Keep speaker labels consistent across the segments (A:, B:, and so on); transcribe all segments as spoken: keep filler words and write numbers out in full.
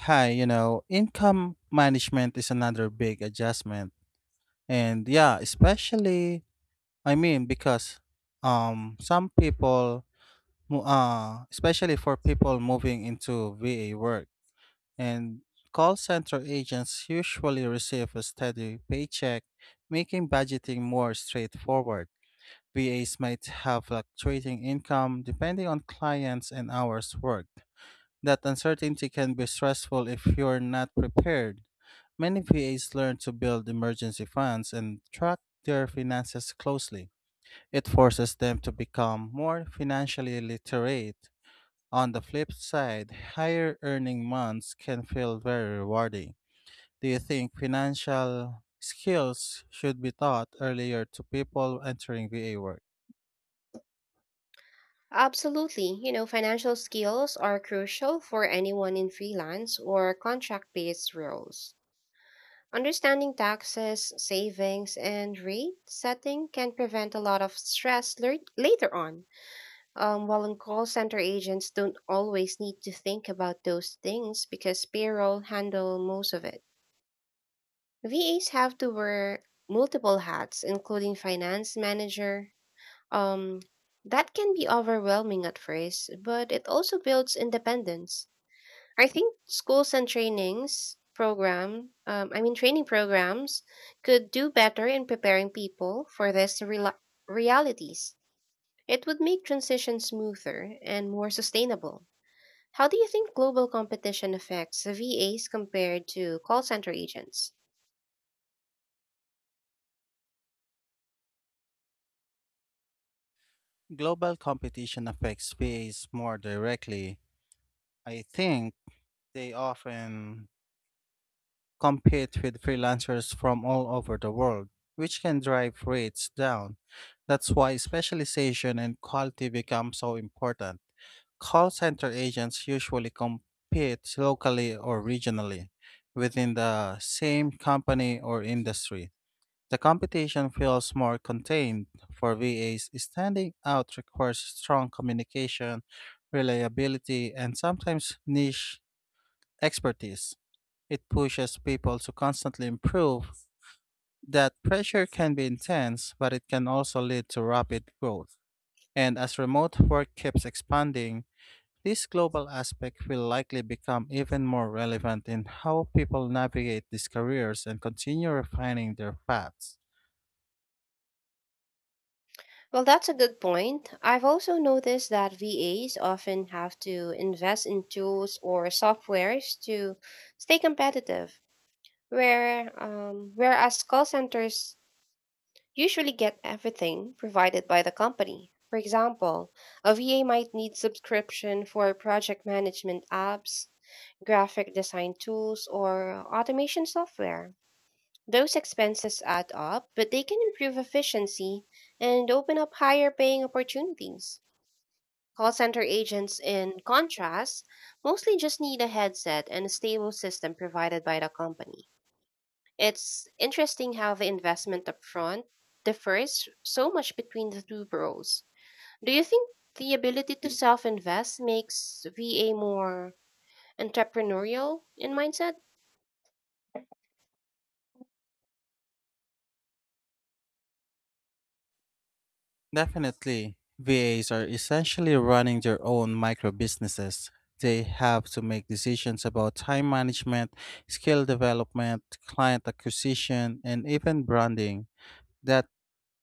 A: Hi, you know, income management is another big adjustment. And yeah, especially I mean because um some people mo- uh especially for people moving into V A work and call center agents usually receive a steady paycheck, making budgeting more straightforward. V As might have fluctuating income depending on clients and hours worked, that uncertainty can be stressful if you're not prepared. Many V As learn to build emergency funds and track their finances closely. It forces them to become more financially literate. On the flip side, higher earning months can feel very rewarding. Do you think financial skills should be taught earlier to people entering V A work?
B: Absolutely. You know, financial skills are crucial for anyone in freelance or contract based roles. Understanding taxes, savings, and rate setting can prevent a lot of stress ler- later on. Um, while in call center agents don't always need to think about those things because payroll handle most of it. V As have to wear multiple hats, including finance manager, um, that can be overwhelming at first, but it also builds independence. I think schools and trainings program, um, I mean training programs could do better in preparing people for these rela realities. It would make transition smoother and more sustainable. How do you think global competition affects V As compared to call center agents?
A: Global competition affects V As more directly. I think they often compete with freelancers from all over the world, which can drive rates down. That's why specialization and quality become so important. Call center agents usually compete locally or regionally within the same company or industry. The competition feels more contained for V As. Standing out requires strong communication, reliability, and sometimes niche expertise. It pushes people to constantly improve. That pressure can be intense, but it can also lead to rapid growth. And as remote work keeps expanding, this global aspect will likely become even more relevant in how people navigate these careers and continue refining their paths.
B: Well, that's a good point. I've also noticed that V As often have to invest in tools or softwares to stay competitive, where um, whereas call centers usually get everything provided by the company. For example, a V A might need subscription for project management apps, graphic design tools, or automation software. Those expenses add up, but they can improve efficiency and open up higher paying opportunities. Call center agents, in contrast, mostly just need a headset and a stable system provided by the company. It's interesting how the investment upfront differs so much between the two roles. Do you think the ability to self invest makes V A more entrepreneurial in mindset?
A: Definitely. V As are essentially running their own micro businesses. They have to make decisions about time management, skill development, client acquisition, and even branding. That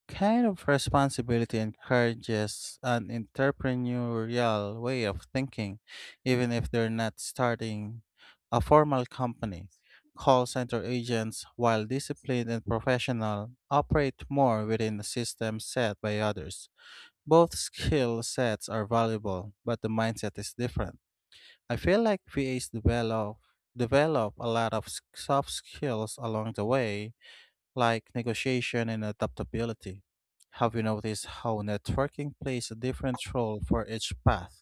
A: kind of responsibility encourages an entrepreneurial way of thinking, even if they're not starting a formal company. Call center agents, while disciplined and professional, operate more within a system set by others. Both skill sets are valuable, but the mindset is different. I feel like V As develop develop a lot of s- soft skills along the way, like negotiation and adaptability. Have you noticed how networking plays a different role for each path?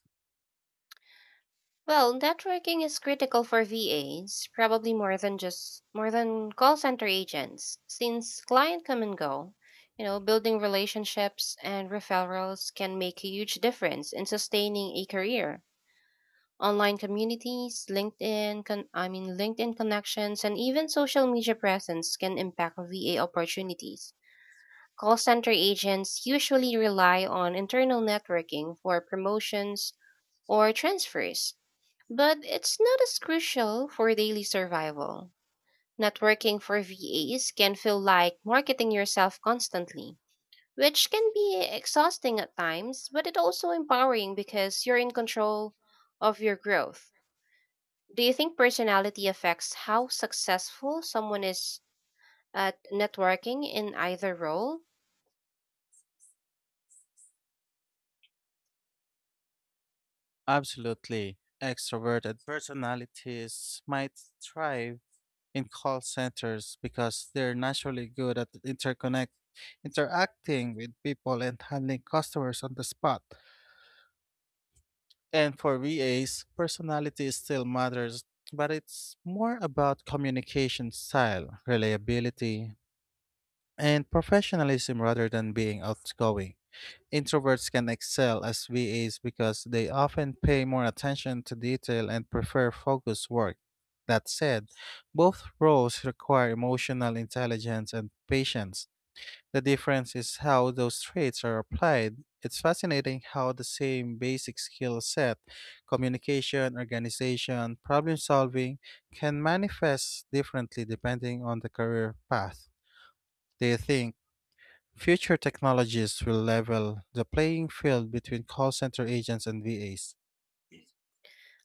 B: Well, networking is critical for V As, probably more than just more than call center agents, since client come and go. You know, building relationships and referrals can make a huge difference in sustaining a career. Online communities, LinkedIn, con- I mean LinkedIn connections, and even social media presence can impact V A opportunities. Call center agents usually rely on internal networking for promotions or transfers but it's not as crucial for daily survival. Networking for V As can feel like marketing yourself constantly, which can be exhausting at times, but it also empowering because you're in control of your growth. Do you think personality affects how successful someone is at networking in either role?
A: Absolutely. Extroverted personalities might thrive in call centers because they're naturally good at interconnect interacting with people and handling customers on the spot. And for V As, personality still matters, but it's more about communication style, reliability, and professionalism rather than being outgoing. Introverts can excel as V As because they often pay more attention to detail and prefer focused work. That said, both roles require emotional intelligence and patience. The difference is how those traits are applied. It's fascinating how the same basic skill set, communication, organization, problem solving, can manifest differently depending on the career path. Do you think future technologies will level the playing field between call center agents and V As?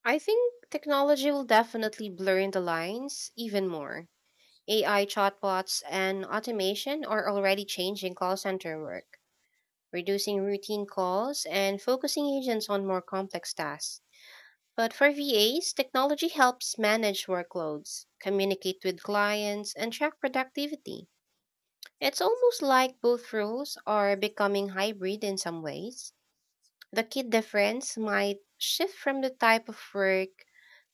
B: I think technology will definitely blur the lines even more. A I chatbots and automation are already changing call center work, reducing routine calls and focusing agents on more complex tasks. But for V As, technology helps manage workloads, communicate with clients, and track productivity. It's almost like both roles are becoming hybrid in some ways. The key difference might shift from the type of work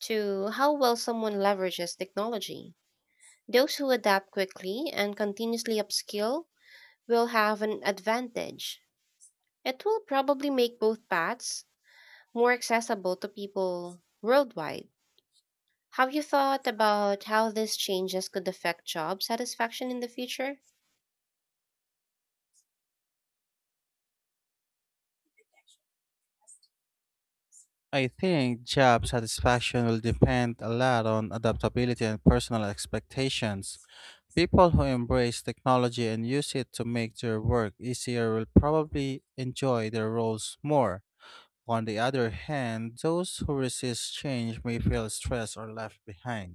B: to how well someone leverages technology. Those who adapt quickly and continuously upskill will have an advantage. It will probably make both paths more accessible to people worldwide. Have you thought about how these changes could affect job satisfaction in the future?
A: I think job satisfaction will depend a lot on adaptability and personal expectations. People who embrace technology and use it to make their work easier will probably enjoy their roles more. On the other hand, those who resist change may feel stressed or left behind.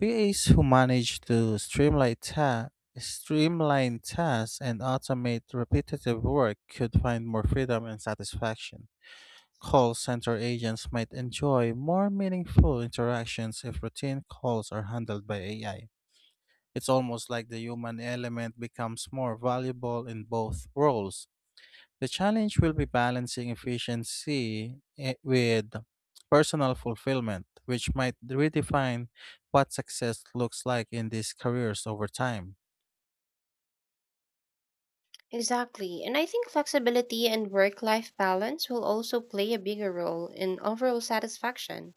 A: P As who manage to streamline, ta- streamline tasks and automate repetitive work could find more freedom and satisfaction. Call center agents might enjoy more meaningful interactions if routine calls are handled by A I. It's almost like the human element becomes more valuable in both roles. The challenge will be balancing efficiency eh, with personal fulfillment, which might redefine what success looks like in these careers over time.
B: Exactly, and I think flexibility and work life balance will also play a bigger role in overall satisfaction.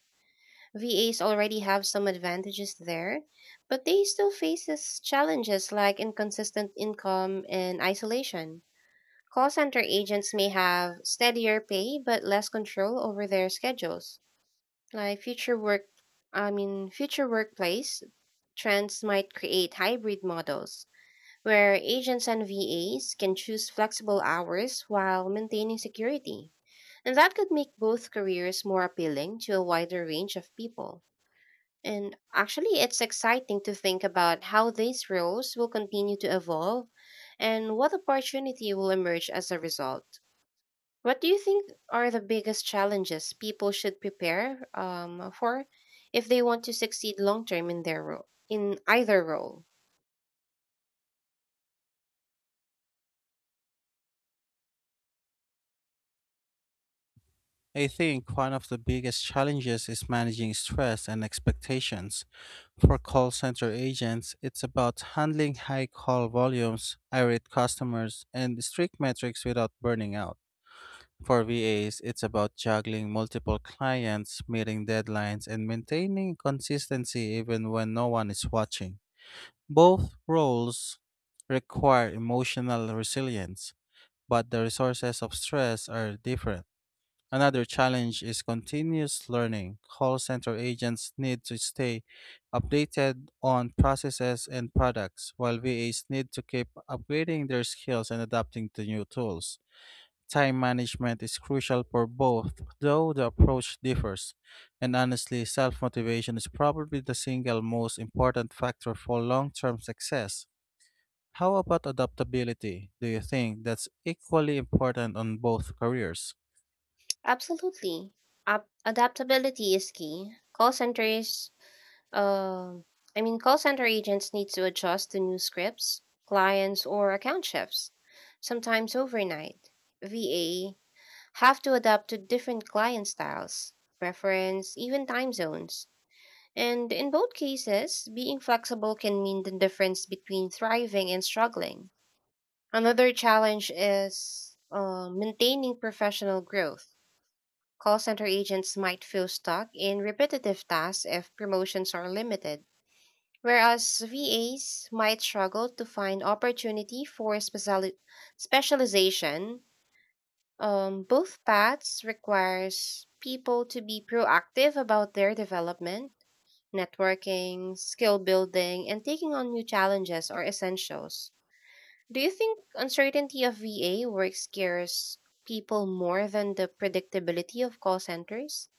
B: V As already have some advantages there, but they still faces challenges like inconsistent income and isolation. Call center agents may have steadier pay but less control over their schedules. Like future work I mean Future workplace trends might create hybrid models where agents and V As can choose flexible hours while maintaining security. And that could make both careers more appealing to a wider range of people. And actually, it's exciting to think about how these roles will continue to evolve and what opportunity will emerge as a result. What do you think are the biggest challenges people should prepare um, for if they want to succeed long term in their role, in either role?
A: I think one of the biggest challenges is managing stress and expectations. For call center agents, it's about handling high call volumes, irate customers, and strict metrics without burning out. For V As, it's about juggling multiple clients, meeting deadlines, and maintaining consistency even when no one is watching. Both roles require emotional resilience, but the resources of stress are different. Another challenge is continuous learning. Call center agents need to stay updated on processes and products, while V As need to keep upgrading their skills and adapting to new tools. Time management is crucial for both, though the approach differs. And honestly, self motivation is probably the single most important factor for long term success. How about adaptability? Do you think that's equally important on both careers?
B: Absolutely. Ab- adaptability is key. Call centers Um, I mean, Call center agents need to adjust to new scripts, clients, or account shifts, sometimes overnight. V A have to adapt to different client styles, preference, even time zones. And in both cases, being flexible can mean the difference between thriving and struggling. Another challenge is uh, maintaining professional growth. Call center agents might feel stuck in repetitive tasks if promotions are limited. Whereas V As might struggle to find opportunity for speciali- specialization, um, both paths requires people to be proactive about their development. Networking, skill building, and taking on new challenges are essentials. Do you think uncertainty of V A work scares people more than the predictability of call centers?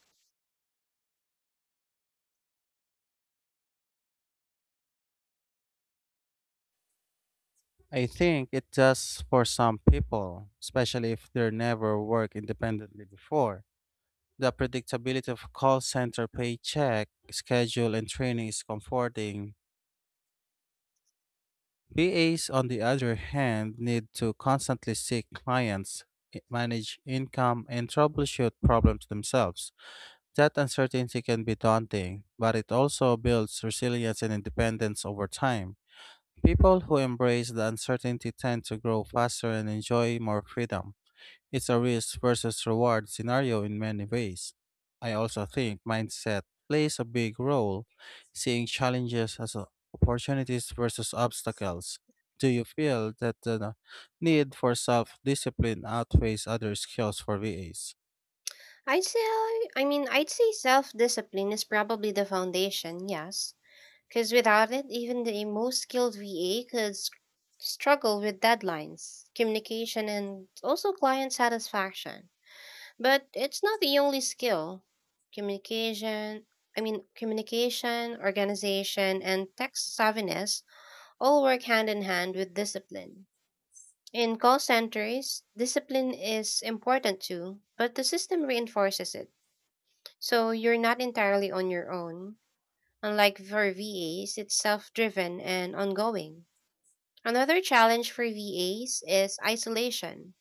A: I think it's just for some people, especially if they never worked independently before. The predictability of call center paycheck, schedule, and training is comforting. B As, on the other hand, need to constantly seek clients, i- manage income, and troubleshoot problems themselves. That uncertainty can be daunting, but it also builds resilience and independence over time. People who embrace the uncertainty tend to grow faster and enjoy more freedom. It's a risk versus reward scenario in many ways. I also think mindset plays a big role, seeing challenges as o- opportunities versus obstacles. Do you feel that the need for self discipline outweighs other skills for V As?
B: I'd say, I mean, I'd say self discipline is probably the foundation, yes. Because without it, even the most skilled V A could s- struggle with deadlines, communication, and also client satisfaction. But it's not the only skill. Communication, I mean, Communication, organization, and tech savviness all work hand in hand with discipline. In call centers, discipline is important too, but the system reinforces it so you're not entirely on your own. Unlike for V As, it's self driven and ongoing. Another challenge for V As is isolation.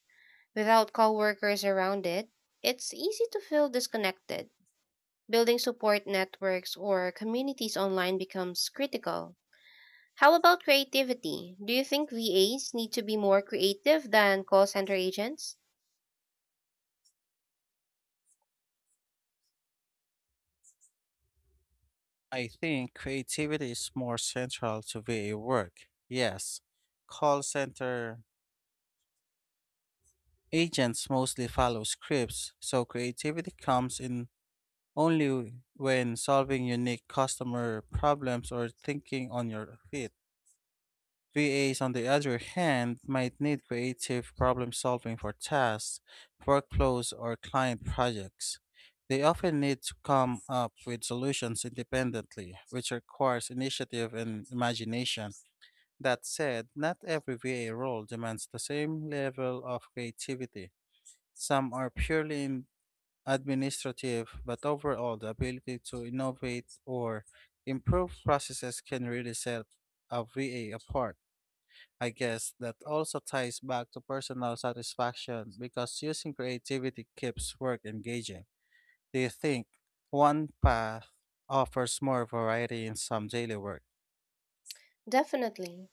B: Without coworkers around it, it's easy to feel disconnected. Building support networks or communities online becomes critical. How about creativity? Do you think V As need to be more creative than call center agents?
A: I think creativity is more central to V A work. Yes, call center agents mostly follow scripts, so creativity comes in only w- when solving unique customer problems or thinking on your feet. V As, on the other hand, might need creative problem solving for tasks, workflows, or client projects. They often need to come up with solutions independently, which requires initiative and imagination. That said, not every V A role demands the same level of creativity. Some are purely administrative, but overall, the ability to innovate or improve processes can really set a V A apart. I guess that also ties back to personal satisfaction because using creativity keeps work engaging. Do you think one path offers more variety in some daily work?
B: Definitely.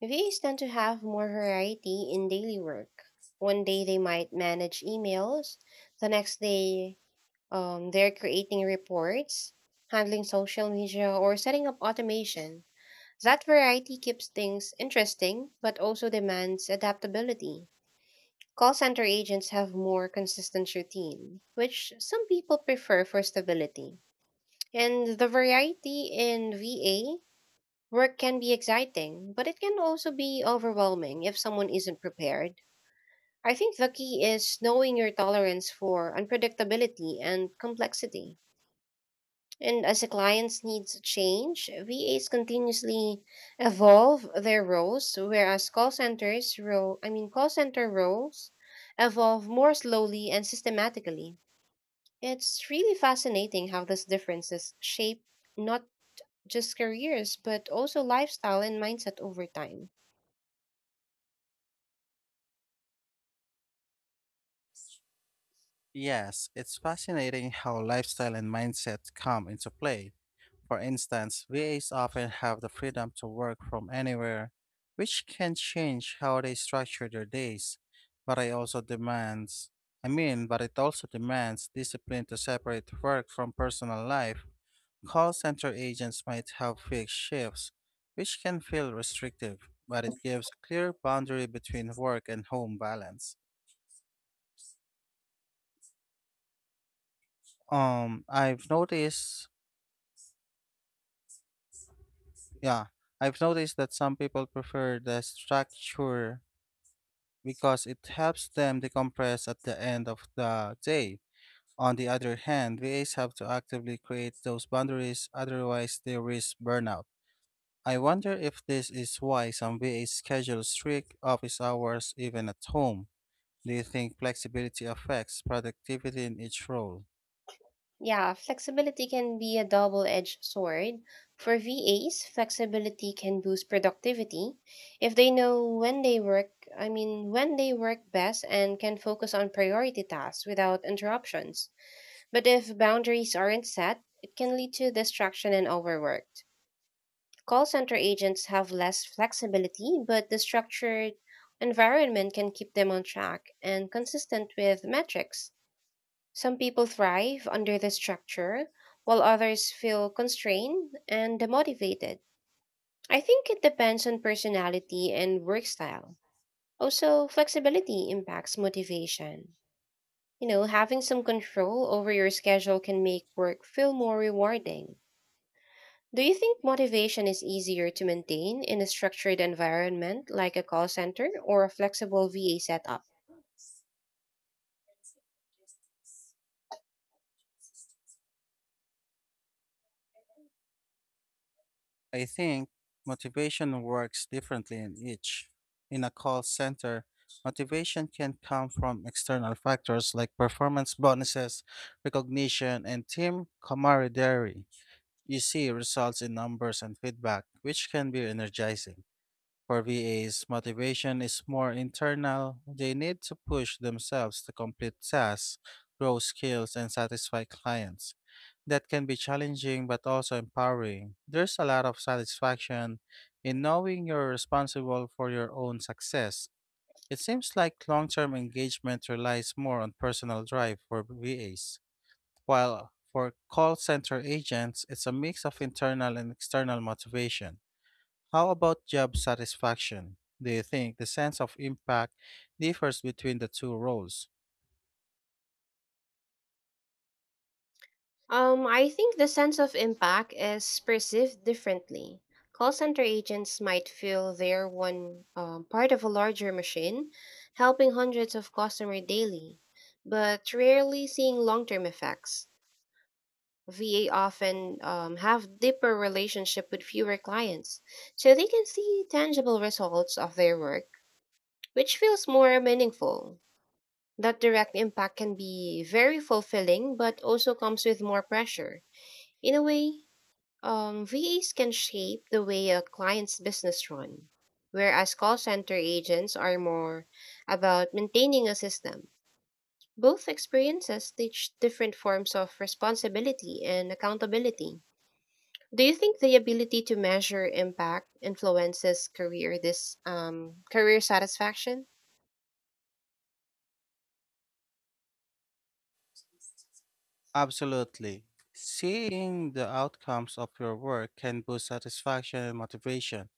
B: V As tend to have more variety in daily work. One day they might manage emails, the next day um, they're creating reports, handling social media, or setting up automation. That variety keeps things interesting but also demands adaptability. Call center agents have more consistent routine, which some people prefer for stability. And the variety in V A work can be exciting, but it can also be overwhelming if someone isn't prepared. I think the key is knowing your tolerance for unpredictability and complexity. And as the clients' needs change, V As continuously evolve their roles, whereas call centers role I mean call center roles evolve more slowly and systematically. It's really fascinating how these differences shape not just careers, but also lifestyle and mindset over time.
A: Yes, it's fascinating how lifestyle and mindset come into play. For instance, V As often have the freedom to work from anywhere, which can change how they structure their days. But I also demands, I mean, but it also demands discipline to separate work from personal life. Call center agents might have fixed shifts, which can feel restrictive, but it gives a clear boundary between work and home balance. Um, I've noticed, yeah, I've noticed that some people prefer the structure because it helps them decompress at the end of the day. On the other hand, V As have to actively create those boundaries, otherwise, they risk burnout. I wonder if this is why some V As schedule strict office hours even at home. Do you think flexibility affects productivity in each role?
B: Yeah, flexibility can be a double-edged sword. For V As, flexibility can boost productivity if they know when they work, I mean, when they work best and can focus on priority tasks without interruptions. But if boundaries aren't set, it can lead to distraction and overworked. Call center agents have less flexibility, but the structured environment can keep them on track and consistent with metrics. Some people thrive under the structure, while others feel constrained and demotivated. I think it depends on personality and work style. Also, flexibility impacts motivation. You know, having some control over your schedule can make work feel more rewarding. Do you think motivation is easier to maintain in a structured environment like a call center or a flexible V A setup?
A: I think motivation works differently in each. In a call center, motivation can come from external factors like performance bonuses, recognition, and team camaraderie. You see results in numbers and feedback, which can be energizing. For V As, motivation is more internal. They need to push themselves to complete tasks, grow skills, and satisfy clients. That can be challenging but also empowering. There's a lot of satisfaction in knowing you're responsible for your own success. It seems like long term engagement relies more on personal drive for V As, while for call center agents, it's a mix of internal and external motivation. How about job satisfaction? Do you think the sense of impact differs between the two roles?
B: Um, I think the sense of impact is perceived differently. Call center agents might feel they're one um, part of a larger machine, helping hundreds of customers daily, but rarely seeing long term effects. V A often um, have deeper relationship with fewer clients, so they can see tangible results of their work, which feels more meaningful. That direct impact can be very fulfilling, but also comes with more pressure. In a way, um, V As can shape the way a client's business run, whereas call center agents are more about maintaining a system. Both experiences teach different forms of responsibility and accountability. Do you think the ability to measure impact influences career this um, career satisfaction?
A: Absolutely. Seeing the outcomes of your work can boost satisfaction and motivation.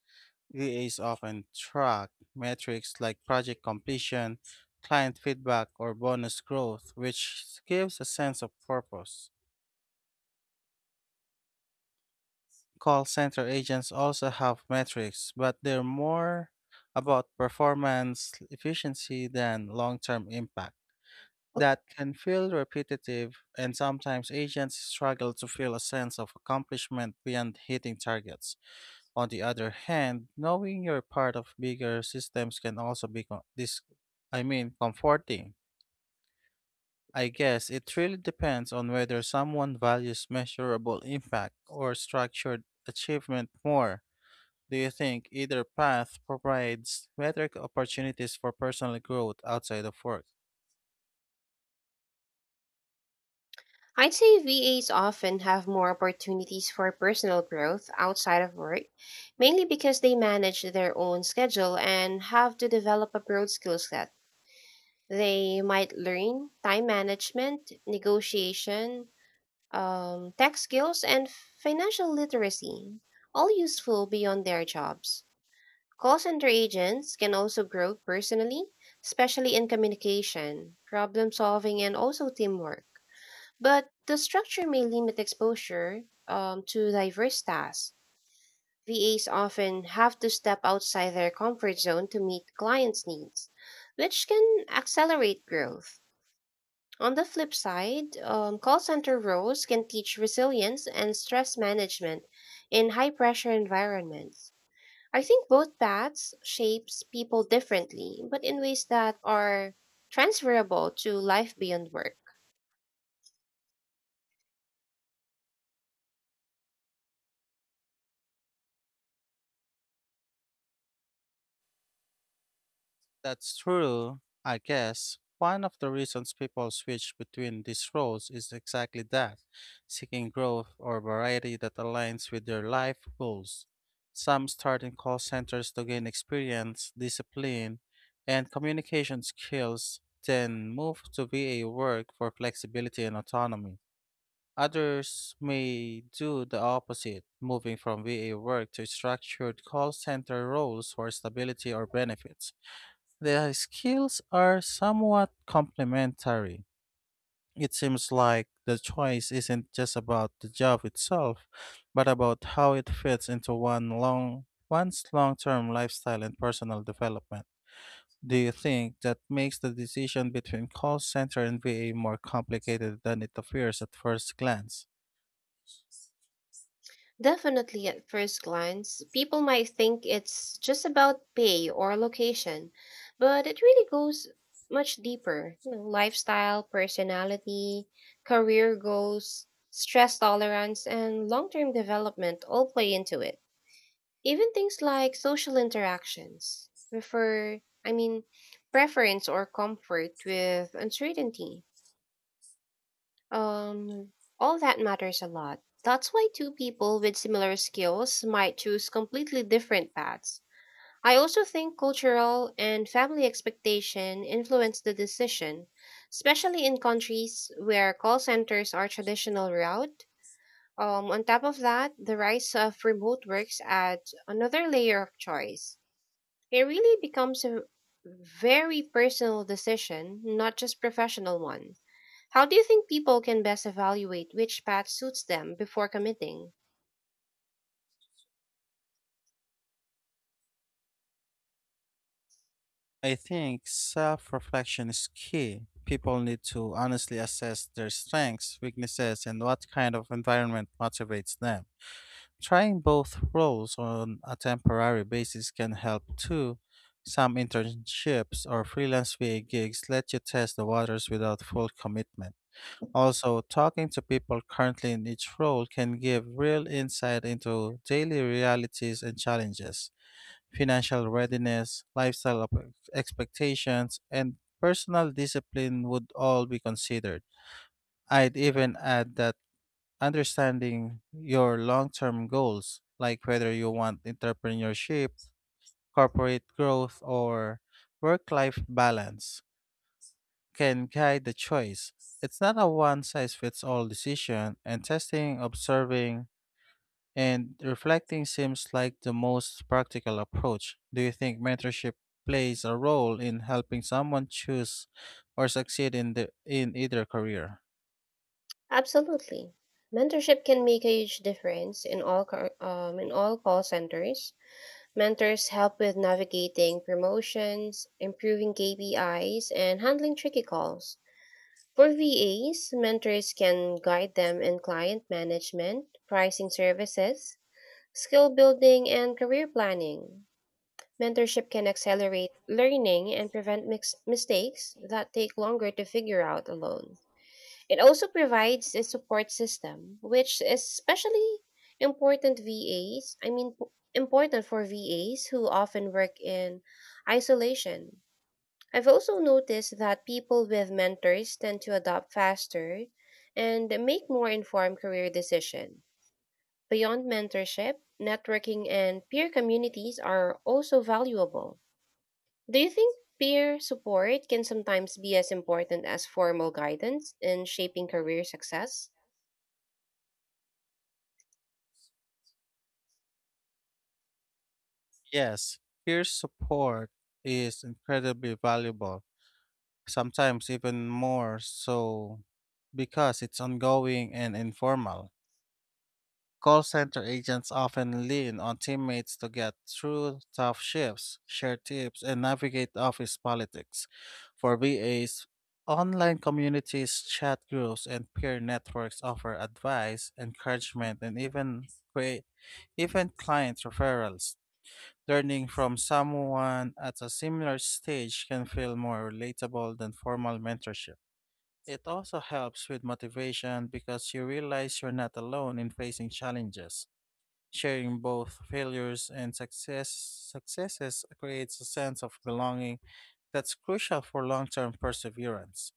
A: V As often track metrics like project completion, client feedback, or bonus growth, which gives a sense of purpose. Call center agents also have metrics, but they're more about performance efficiency than long term impact. That can feel repetitive, and sometimes agents struggle to feel a sense of accomplishment beyond hitting targets. On the other hand, knowing you're part of bigger systems can also be co- this I mean comforting. I guess it really depends on whether someone values measurable impact or structured achievement more. Do you think either path provides better opportunities for personal growth outside of work?
B: I'd say V As often have more opportunities for personal growth outside of work, mainly because they manage their own schedule and have to develop a broad skill set. They might learn time management, negotiation, um, tech skills, and financial literacy, all useful beyond their jobs. Call center agents can also grow personally, especially in communication, problem solving, and also teamwork. But the structure may limit exposure um, to diverse tasks. V As often have to step outside their comfort zone to meet clients' needs, which can accelerate growth. On the flip side, um, call center roles can teach resilience and stress management in high pressure environments. I think both paths shapes people differently, but in ways that are transferable to life beyond work.
A: That's true, I guess. One of the reasons people switch between these roles is exactly that, seeking growth or variety that aligns with their life goals. Some start in call centers to gain experience, discipline, and communication skills, then move to V A work for flexibility and autonomy. Others may do the opposite, moving from V A work to structured call center roles for stability or benefits. The skills are somewhat complementary. It seems like the choice isn't just about the job itself, but about how it fits into one long one's long-term lifestyle and personal development. Do you think that makes the decision between call center and V A more complicated than it appears at first glance?
B: Definitely, at first glance, people might think it's just about pay or location, but it really goes much deeper. You know, lifestyle, personality, career goals, stress tolerance, and long term development all play into it. Even things like social interactions, prefer, I mean, preference or comfort with uncertainty. Um, all that matters a lot. That's why two people with similar skills might choose completely different paths. I also think cultural and family expectation influence the decision, especially in countries where call centers are traditional route. Um, on top of that, the rise of remote works adds another layer of choice. It really becomes a very personal decision, not just professional one. How do you think people can best evaluate which path suits them before committing?
A: I think self reflection is key. People need to honestly assess their strengths, weaknesses, and what kind of environment motivates them. Trying both roles on a temporary basis can help too. Some internships or freelance V A gigs let you test the waters without full commitment. Also, talking to people currently in each role can give real insight into daily realities and challenges, financial readiness, lifestyle op- expectations, and personal discipline would all be considered. I'd even add that understanding your long-term goals, like whether you want entrepreneurship, corporate growth, or work-life balance, can guide the choice. It's not a one-size-fits-all decision, and testing, observing, and reflecting seems like the most practical approach. Do you think mentorship plays a role in helping someone choose or succeed in the in either career?
B: Absolutely. Mentorship can make a huge difference in all car- um, in all call centers. Mentors help with navigating promotions, improving K P Is, and handling tricky calls. For V As, mentors can guide them in client management, pricing services, skill building, and career planning. Mentorship can accelerate learning and prevent mix- mistakes that take longer to figure out alone. It also provides a support system, which is especially important V As, I mean p- important for V As who often work in isolation. I've also noticed that people with mentors tend to adopt faster and make more informed career decisions. Beyond mentorship, networking and peer communities are also valuable. Do you think peer support can sometimes be as important as formal guidance in shaping career success?
A: Yes, peer support is incredibly valuable, sometimes even more so because it's ongoing and informal. Call center agents often lean on teammates to get through tough shifts, share tips, and navigate office politics. For V As, online communities, chat groups, and peer networks offer advice, encouragement, and even create even client referrals. Learning from someone at a similar stage can feel more relatable than formal mentorship. It also helps with motivation because you realize you're not alone in facing challenges. Sharing both failures and success, successes creates a sense of belonging that's crucial for long term perseverance.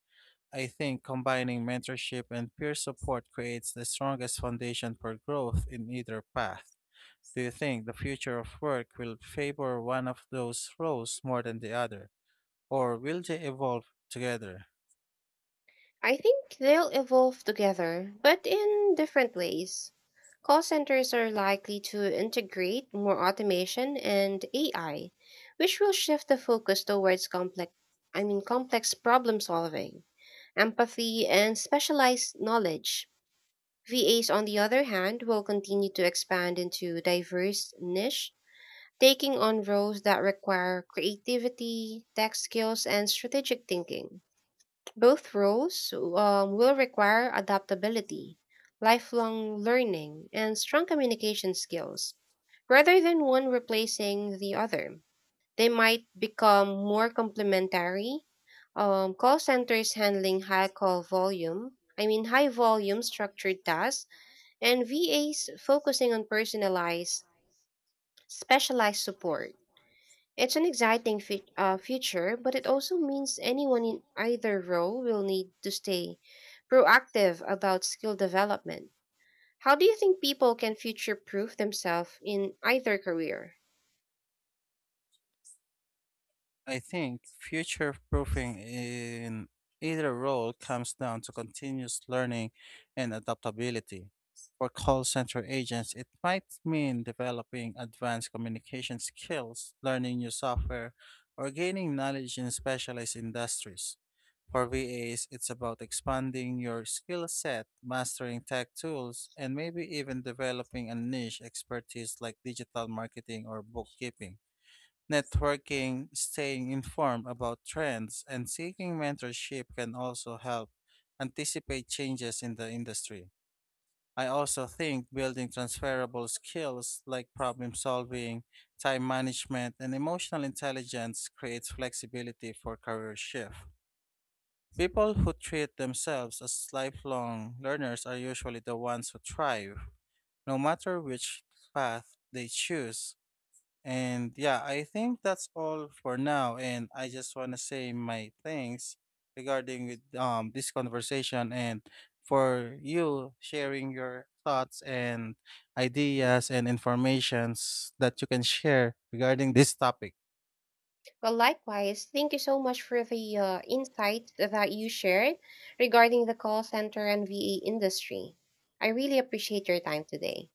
A: I think combining mentorship and peer support creates the strongest foundation for growth in either path. Do you think the future of work will favor one of those roles more than the other, or will they evolve together?
B: I think they'll evolve together, but in different ways. Call centers are likely to integrate more automation and A I, which will shift the focus towards complex I mean complex problem solving, empathy and specialized knowledge. V As on the other hand will continue to expand into diverse niche, taking on roles that require creativity, tech skills and strategic thinking. Both roles um, will require adaptability, lifelong learning, and strong communication skills, rather than one replacing the other. They might become more complementary. Um, call centers handling high call volume, I mean, high volume structured tasks, and V As focusing on personalized, specialized support. It's an exciting fe- uh, future, but it also means anyone in either role will need to stay proactive about skill development. How do you think people can future proof themselves in either career?
A: I think future proofing in either role comes down to continuous learning and adaptability. For call center agents, it might mean developing advanced communication skills, learning new software, or gaining knowledge in specialized industries. For V As, it's about expanding your skill set, mastering tech tools, and maybe even developing a niche expertise like digital marketing or bookkeeping. Networking, staying informed about trends, and seeking mentorship can also help anticipate changes in the industry. I also think building transferable skills like problem solving, time management, and emotional intelligence creates flexibility for career shift. People who treat themselves as lifelong learners are usually the ones who thrive, no matter which path they choose. And yeah, I think that's all for now. And I just want to say my thanks regarding with um this conversation and for you sharing your thoughts and ideas and informations that you can share regarding this topic.
B: Well, likewise, thank you so much for the uh, insight that you shared regarding the call center and V A industry. I really appreciate your time today.